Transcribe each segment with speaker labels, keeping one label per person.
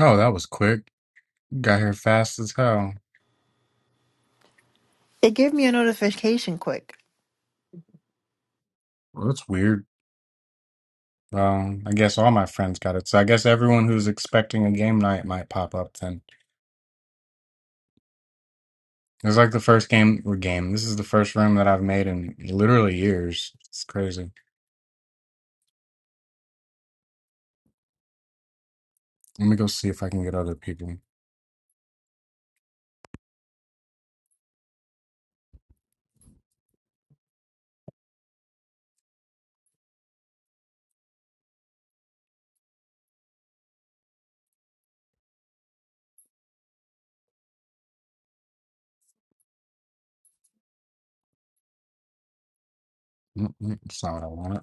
Speaker 1: Oh, that was quick. Got here fast as hell.
Speaker 2: It gave me a notification quick.
Speaker 1: Well, that's weird. Um, I guess all my friends got it. So I guess everyone who's expecting a game night might pop up then. It's like the first game or game. This is the first room that I've made in literally years. It's crazy. Let me go see if I can get other people. Mm-mm, That's not what I wanted.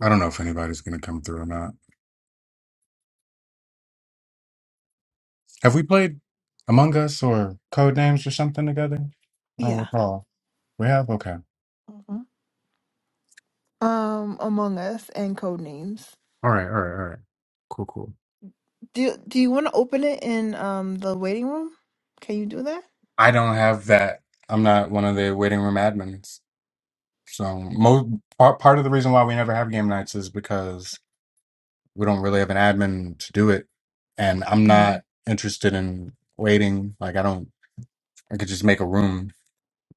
Speaker 1: I don't know if anybody's gonna come through or not. Have we played Among Us or Code Names or something together? I don't
Speaker 2: Yeah.
Speaker 1: recall. We have? Okay.
Speaker 2: hmm Um, Among Us and Code Names.
Speaker 1: All right, all right, all right. Cool, cool.
Speaker 2: Do Do you want to open it in um the waiting room? Can you do that?
Speaker 1: I don't have that. I'm not one of the waiting room admins. So mo- part part of the reason why we never have game nights is because we don't really have an admin to do it, and I'm
Speaker 2: Mm.
Speaker 1: not interested in waiting. Like I don't, I could just make a room.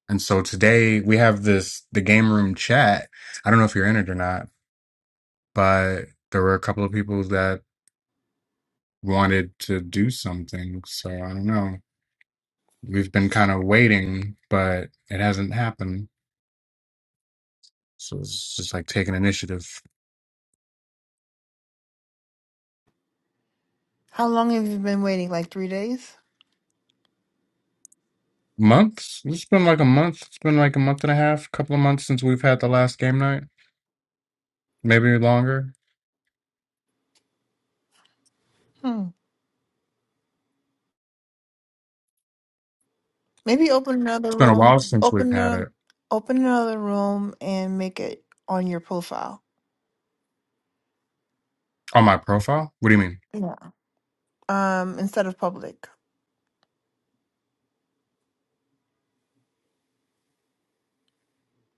Speaker 1: And so today we have this the game room chat. I don't know if you're in it or not, but there were a couple of people that wanted to do something. So I don't know. We've been kind of waiting, but it hasn't happened. So it's just like taking initiative.
Speaker 2: How long have you been waiting? Like three days?
Speaker 1: Months? It's been like a month. It's been like a month and a half, couple of months since we've had the last game night. Maybe longer.
Speaker 2: Hmm. Maybe open another
Speaker 1: It's been a
Speaker 2: room.
Speaker 1: while since
Speaker 2: Open
Speaker 1: we've had
Speaker 2: another.
Speaker 1: it
Speaker 2: Open another room and make it on your profile.
Speaker 1: on my profile. What do you mean?
Speaker 2: Yeah. Um, instead of public,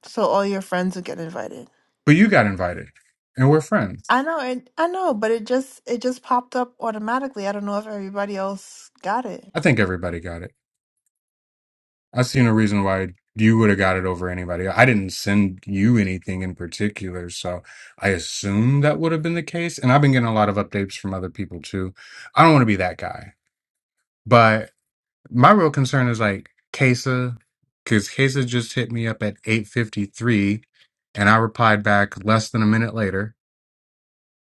Speaker 2: so all your friends will get invited.
Speaker 1: But you got invited, and we're friends.
Speaker 2: I know it. I know, but it just it just popped up automatically. I don't know if everybody else got it.
Speaker 1: I think everybody got it. I see no reason why you would have got it over anybody. I didn't send you anything in particular, so I assume that would have been the case. And I've been getting a lot of updates from other people too. I don't want to be that guy, but My real concern is like Kesa, because Kesa just hit me up at 8:53, and I replied back less than a minute later.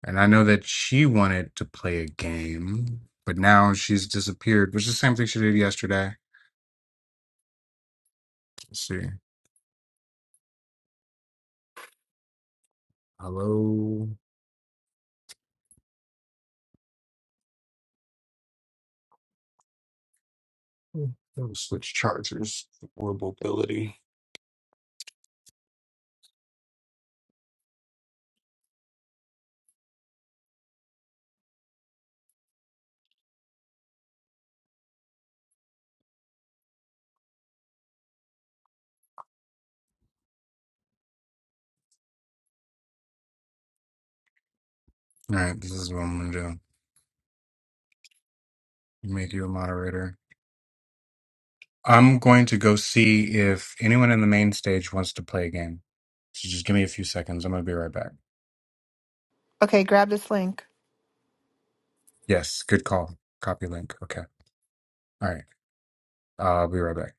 Speaker 1: And I know that she wanted to play a game, but now she's disappeared, which is the same thing she did yesterday. Let's see. Hello. Those switch chargers or mobility. All right, this is what I'm gonna do. Make you a moderator. I'm going to go see if anyone in the main stage wants to play a game. So just give me a few seconds. I'm gonna be right back.
Speaker 2: Okay, grab this link.
Speaker 1: Yes, good call. Copy link. Okay. All right. Uh, I'll be right back.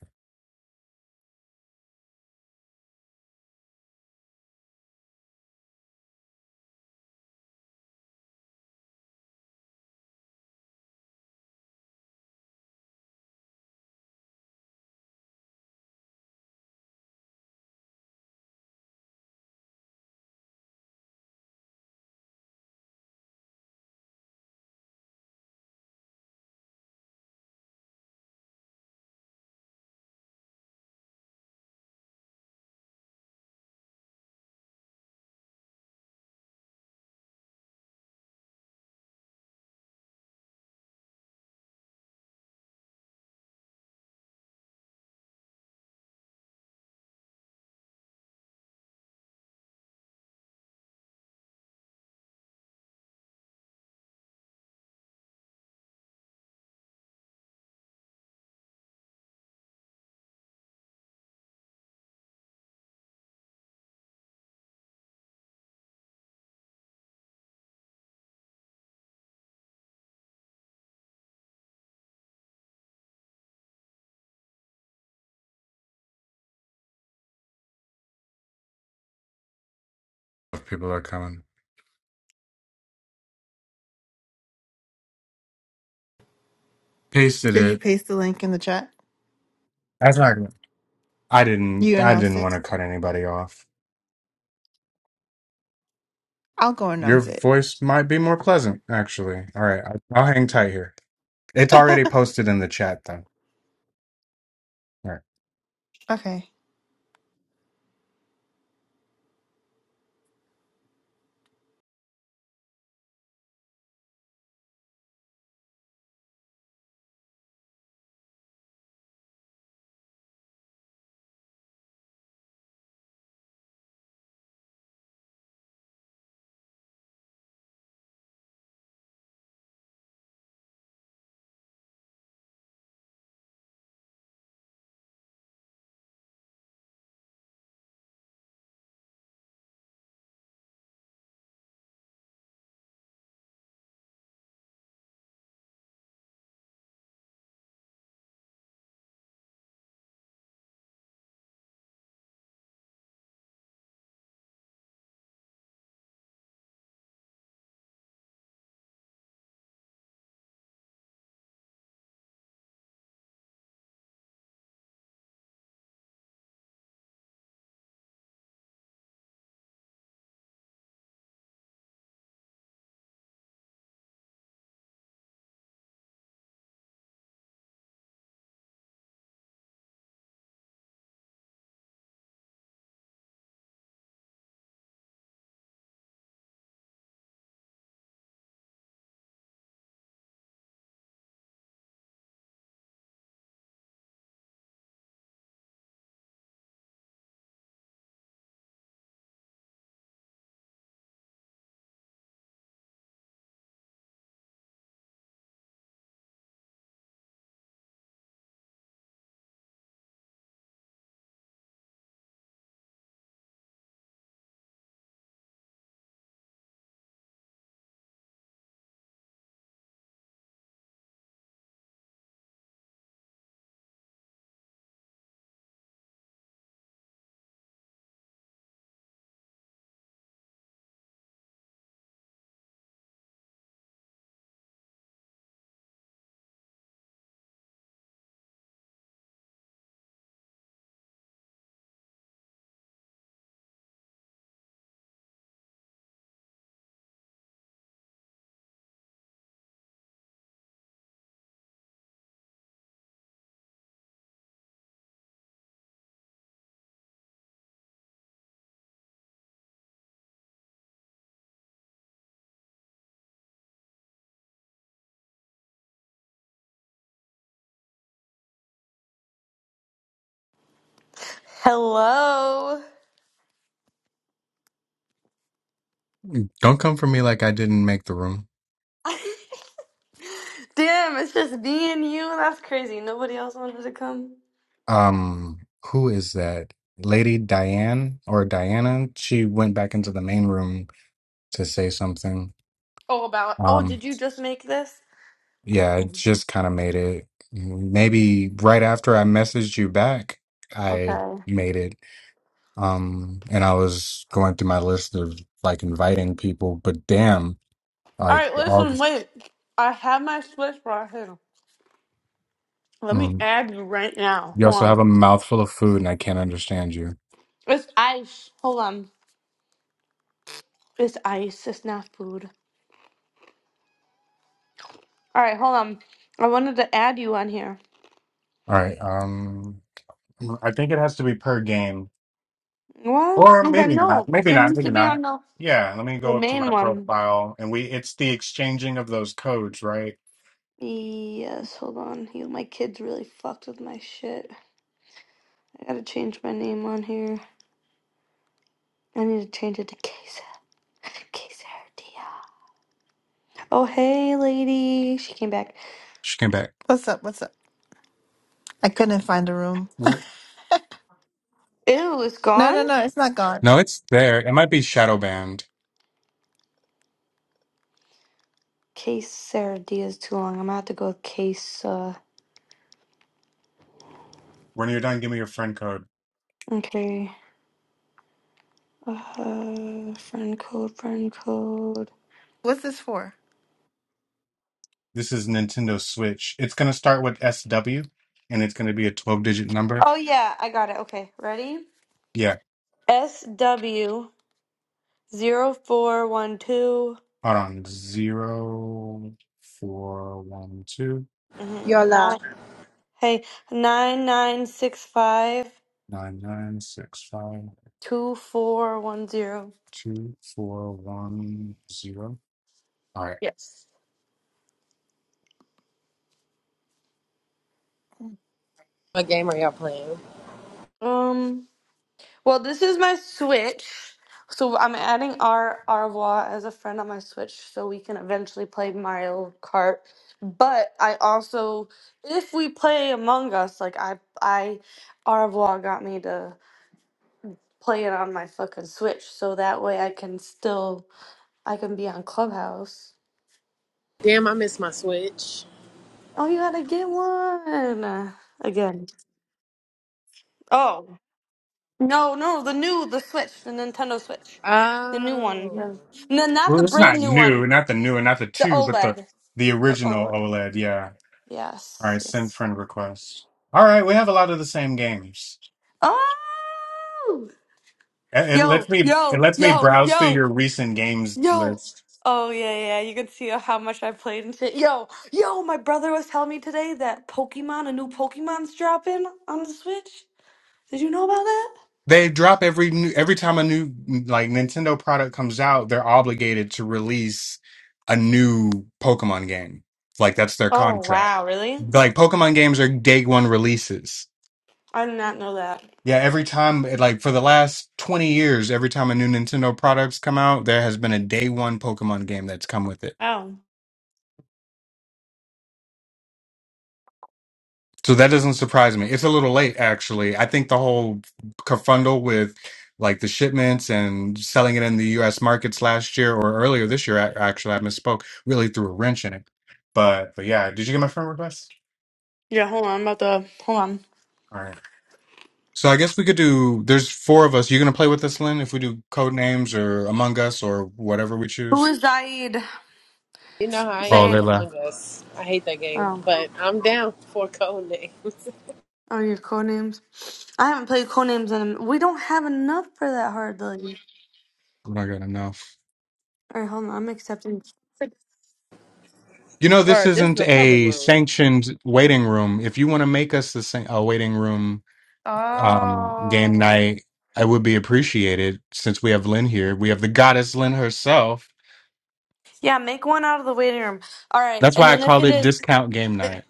Speaker 1: People are coming. Pasted
Speaker 2: Did you
Speaker 1: it.
Speaker 2: paste the link in the chat?
Speaker 1: That's not. I didn't.
Speaker 2: You
Speaker 1: I
Speaker 2: announced
Speaker 1: didn't want
Speaker 2: it.
Speaker 1: to cut anybody off.
Speaker 2: I'll go
Speaker 1: Your
Speaker 2: announce it.
Speaker 1: voice might be more pleasant, actually. All right. I- I'll hang tight here. It's already posted in the chat, though. All right.
Speaker 2: Okay.
Speaker 3: Hello.
Speaker 1: Don't come for me like I didn't make the room.
Speaker 3: Damn, it's just me and you. That's crazy. Nobody else wanted to come.
Speaker 1: Um, who is that? Lady Diane or Diana? She went back into the main room to say something.
Speaker 3: Oh, about. Oh,
Speaker 1: Um,
Speaker 3: did you just make this?
Speaker 1: Yeah,
Speaker 3: Okay.
Speaker 1: it just kind of made it. Maybe right after I messaged you back,
Speaker 3: Okay.
Speaker 1: I
Speaker 3: All
Speaker 1: made it. Um, and I was going through my list of like inviting people, but damn, like
Speaker 3: right.
Speaker 1: all
Speaker 3: Listen.
Speaker 1: the,
Speaker 3: Wait. I have my Swiss right here. Let me
Speaker 1: mm,
Speaker 3: add you right now.
Speaker 1: you
Speaker 3: Hold
Speaker 1: also have
Speaker 3: on.
Speaker 1: a mouthful of food and I can't understand you.
Speaker 3: It's ice. Hold on. It's ice. It's not food. All right. Hold on. I wanted to add you on here.
Speaker 1: All right. Um, mm, I think it has to be per game
Speaker 3: What?
Speaker 1: or
Speaker 3: Okay.
Speaker 1: maybe
Speaker 3: No.
Speaker 1: not. Maybe
Speaker 3: It
Speaker 1: not.
Speaker 3: needs
Speaker 1: Maybe
Speaker 3: to be
Speaker 1: not.
Speaker 3: on the
Speaker 1: Yeah, let me
Speaker 3: the
Speaker 1: go up to
Speaker 3: main
Speaker 1: my
Speaker 3: one.
Speaker 1: profile and we, it's the exchanging of those codes, right?
Speaker 3: Yes. Hold on. You, my kids really fucked with my shit. I gotta change my name on here. I need to change it to Kesa. Kesa Dia. Oh, hey, lady. She came back.
Speaker 1: She came back.
Speaker 2: What's up? What's up? I couldn't find the room.
Speaker 3: Ew, it's
Speaker 2: No,
Speaker 3: gone?
Speaker 2: no, no. It's not gone.
Speaker 1: No, it's there. It might be shadow banned.
Speaker 3: Kesa Dia is too long. I'm gonna have to go with Kesa.
Speaker 1: When you're done, give me your friend code.
Speaker 3: Okay. Uh, friend code, friend code.
Speaker 2: What's this for?
Speaker 1: This is Nintendo Switch. It's gonna start with SW, and it's gonna be a 12-digit number.
Speaker 3: Oh, yeah, I got it. Okay, ready?
Speaker 1: Yeah.
Speaker 3: SW0412.
Speaker 1: Hold on. Zero four one two
Speaker 3: Mm-hmm.
Speaker 4: Y'all live.
Speaker 3: Nine, hey, 9965
Speaker 1: nine nine six five
Speaker 3: 2410.
Speaker 1: two four one zero. All right.
Speaker 3: Yes.
Speaker 4: What game are y'all playing?
Speaker 3: Um. Well, this is my Switch. So I'm adding our Arvois as a friend on my Switch so we can eventually play Mario Kart. But I also if we play Among Us, like I I Arvois got me to play it on my fucking Switch so that way I can still I can be on Clubhouse.
Speaker 4: Damn, I miss my Switch.
Speaker 3: Oh, you got to get one uh, again. Oh. No, no, the new the Switch, the Nintendo Switch. The new one.
Speaker 4: Oh.
Speaker 3: Yeah. No, not
Speaker 1: Well,
Speaker 3: the
Speaker 1: it's
Speaker 3: brand
Speaker 1: not
Speaker 3: new one.
Speaker 1: new, not the new, and not the
Speaker 3: The
Speaker 1: two, but the
Speaker 3: OLED.
Speaker 1: the
Speaker 3: The
Speaker 1: original
Speaker 3: OLED.
Speaker 1: OLED. Yeah. All
Speaker 3: yes,
Speaker 1: right. Send
Speaker 3: yes.
Speaker 1: friend request. All right. We have a lot of the same games.
Speaker 3: Oh,
Speaker 1: It it lets
Speaker 3: yo,
Speaker 1: me it
Speaker 3: yo,
Speaker 1: lets me
Speaker 3: yo,
Speaker 1: browse through
Speaker 3: yo,
Speaker 1: your recent games
Speaker 3: yo.
Speaker 1: list.
Speaker 3: Oh yeah, yeah. You can see how much I played and shit. Yo, yo. My brother was telling me today that Pokemon, a new Pokemon's dropping on the Switch. Did you know about that?
Speaker 1: They drop every new, every time a new like Nintendo product comes out, they're obligated to release a new Pokemon game. Like that's their
Speaker 3: Oh
Speaker 1: contract.
Speaker 3: wow, really?
Speaker 1: Like Pokemon games are day one releases.
Speaker 3: I did not know that.
Speaker 1: Yeah, every time it- like for the last 20 years, every time a new Nintendo product's come out, there has been a day one Pokemon game that's come with it.
Speaker 3: Oh
Speaker 1: So that doesn't surprise me. It's a little late, actually. I think the whole kerfuffle with like the shipments and selling it in the U.S. markets last year or earlier this year, a- actually, I misspoke, really threw a wrench in it. But but yeah, did you get my friend request?
Speaker 3: yeah. Hold on. I'm about to hold on.
Speaker 1: All right. So I guess we could do. There's four of us. You gonna play with us, Lynn? If we do code names or Among Us or whatever we
Speaker 3: Who
Speaker 1: choose.
Speaker 3: is Zaid?
Speaker 4: You know how I
Speaker 1: Oh,
Speaker 4: am
Speaker 1: they
Speaker 4: with
Speaker 3: Zaid.
Speaker 1: left.
Speaker 4: Among Us. I hate that game,
Speaker 3: Oh.
Speaker 4: but I'm down for code names.
Speaker 3: Oh, your codenames. I haven't played codenames in. a- m- We don't have enough for that hardly.
Speaker 1: We're not good enough.
Speaker 3: All right, hold on. I'm accepting.
Speaker 1: You know, this
Speaker 4: Word, this is
Speaker 1: isn't
Speaker 4: a public
Speaker 1: a
Speaker 4: room
Speaker 1: sanctioned waiting room. If you want to make us the same a waiting room um, game
Speaker 3: Oh.
Speaker 1: night, I would be appreciated since we have Lynn here. We have the goddess Lynn herself.
Speaker 3: Yeah, make one out of the waiting room. All right,
Speaker 1: That's
Speaker 3: and
Speaker 1: why I
Speaker 3: then if
Speaker 1: called
Speaker 3: it
Speaker 1: it
Speaker 3: is,
Speaker 1: discount game night.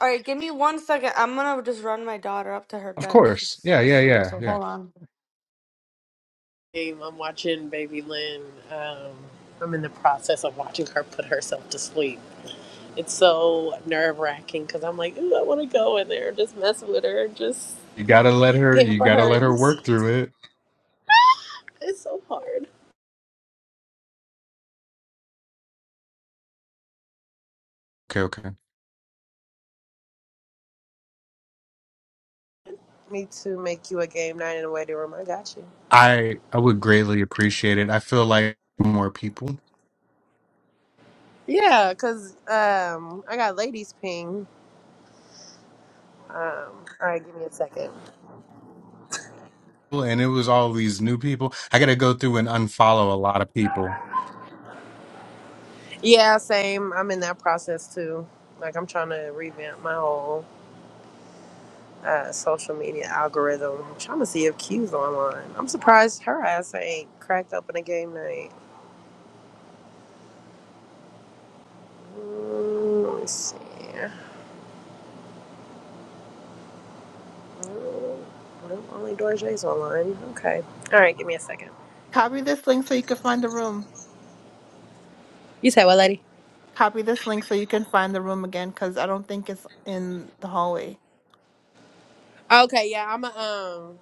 Speaker 3: all right, give me one second. I'm gonna just run my daughter up to her
Speaker 1: Of
Speaker 3: bed.
Speaker 1: course.
Speaker 3: She's
Speaker 1: Yeah, yeah,
Speaker 3: asleep,
Speaker 1: yeah,
Speaker 3: so
Speaker 1: yeah.
Speaker 3: hold on.
Speaker 4: game. I'm watching Baby Lynn. Um, I'm in the process of watching her put herself to sleep. It's so nerve wracking because I'm like, ooh, I want to go in there and just mess with her and just
Speaker 1: You gotta let her you
Speaker 4: pamper
Speaker 1: gotta
Speaker 4: her.
Speaker 1: let her
Speaker 4: It's,
Speaker 1: work through it.
Speaker 4: it's so hard.
Speaker 1: Okay, okay.
Speaker 4: Me to make you a game night in the waiting room. I got you.
Speaker 1: I I would greatly appreciate it. I feel like more people.
Speaker 4: Yeah, cause um, I got ladies ping. Um, all right, give me a second.
Speaker 1: And it was all these new people. I gotta go through and unfollow a lot of people.
Speaker 4: Yeah, same. I'm in that process too. Like I'm trying to revamp my whole uh, social media algorithm. I'm trying to see if Q's online. I'm surprised her ass ain't cracked open a game night. Mm, let me see. Mm, Well, only Dorje's online. Okay. All right, give me a second.
Speaker 2: Copy this link so you can find the room.
Speaker 4: You say what, lady?
Speaker 2: Copy this link so you can find the room again because I don't think it's in the hallway.
Speaker 4: Okay, yeah, I'm a um.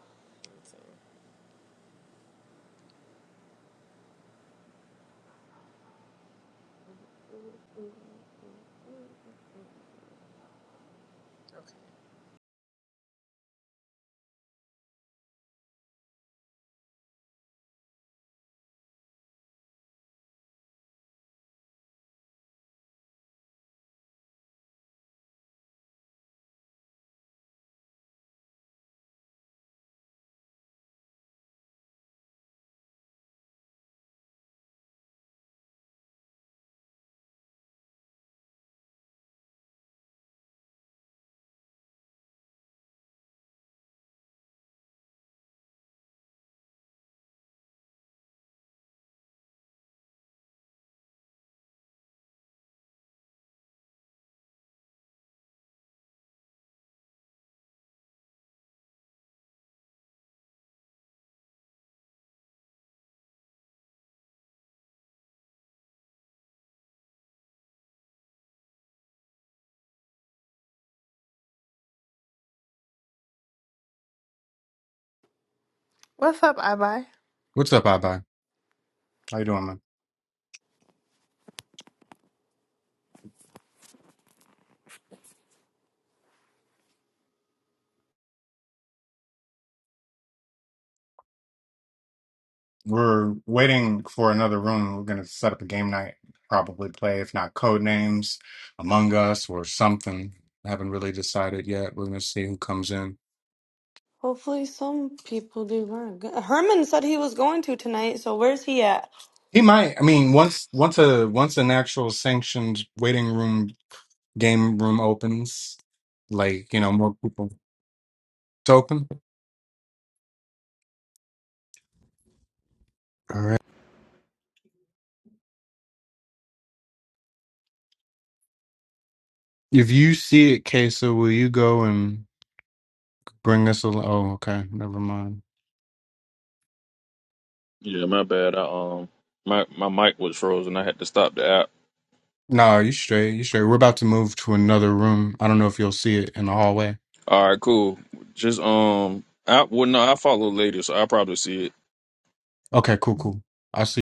Speaker 2: What's up, Ibi?
Speaker 1: What's up, Abba? How you doing, man? We're waiting for another room. We're gonna set up a game night, probably play, if not Code Names, Among Us, or something. I haven't really decided yet. We're gonna see who comes in.
Speaker 3: Hopefully, some people do run. Herman said he was going to tonight. So where's he at?
Speaker 1: He might. I mean, once once a once an actual sanctioned waiting room game room opens, like you know, more people. It's open. All right. If you see it, Kesa, will you go and bring us a? Oh, okay. Never mind.
Speaker 5: Yeah, my bad. I, um, my my mic was frozen. I had to stop the app.
Speaker 1: No, you straight. You straight. We're about to move to another room. I don't know if you'll see it in the hallway.
Speaker 5: All right, cool. Just um, I well, no, I follow later, so I'll probably see it.
Speaker 1: Okay, cool, cool. I'll see.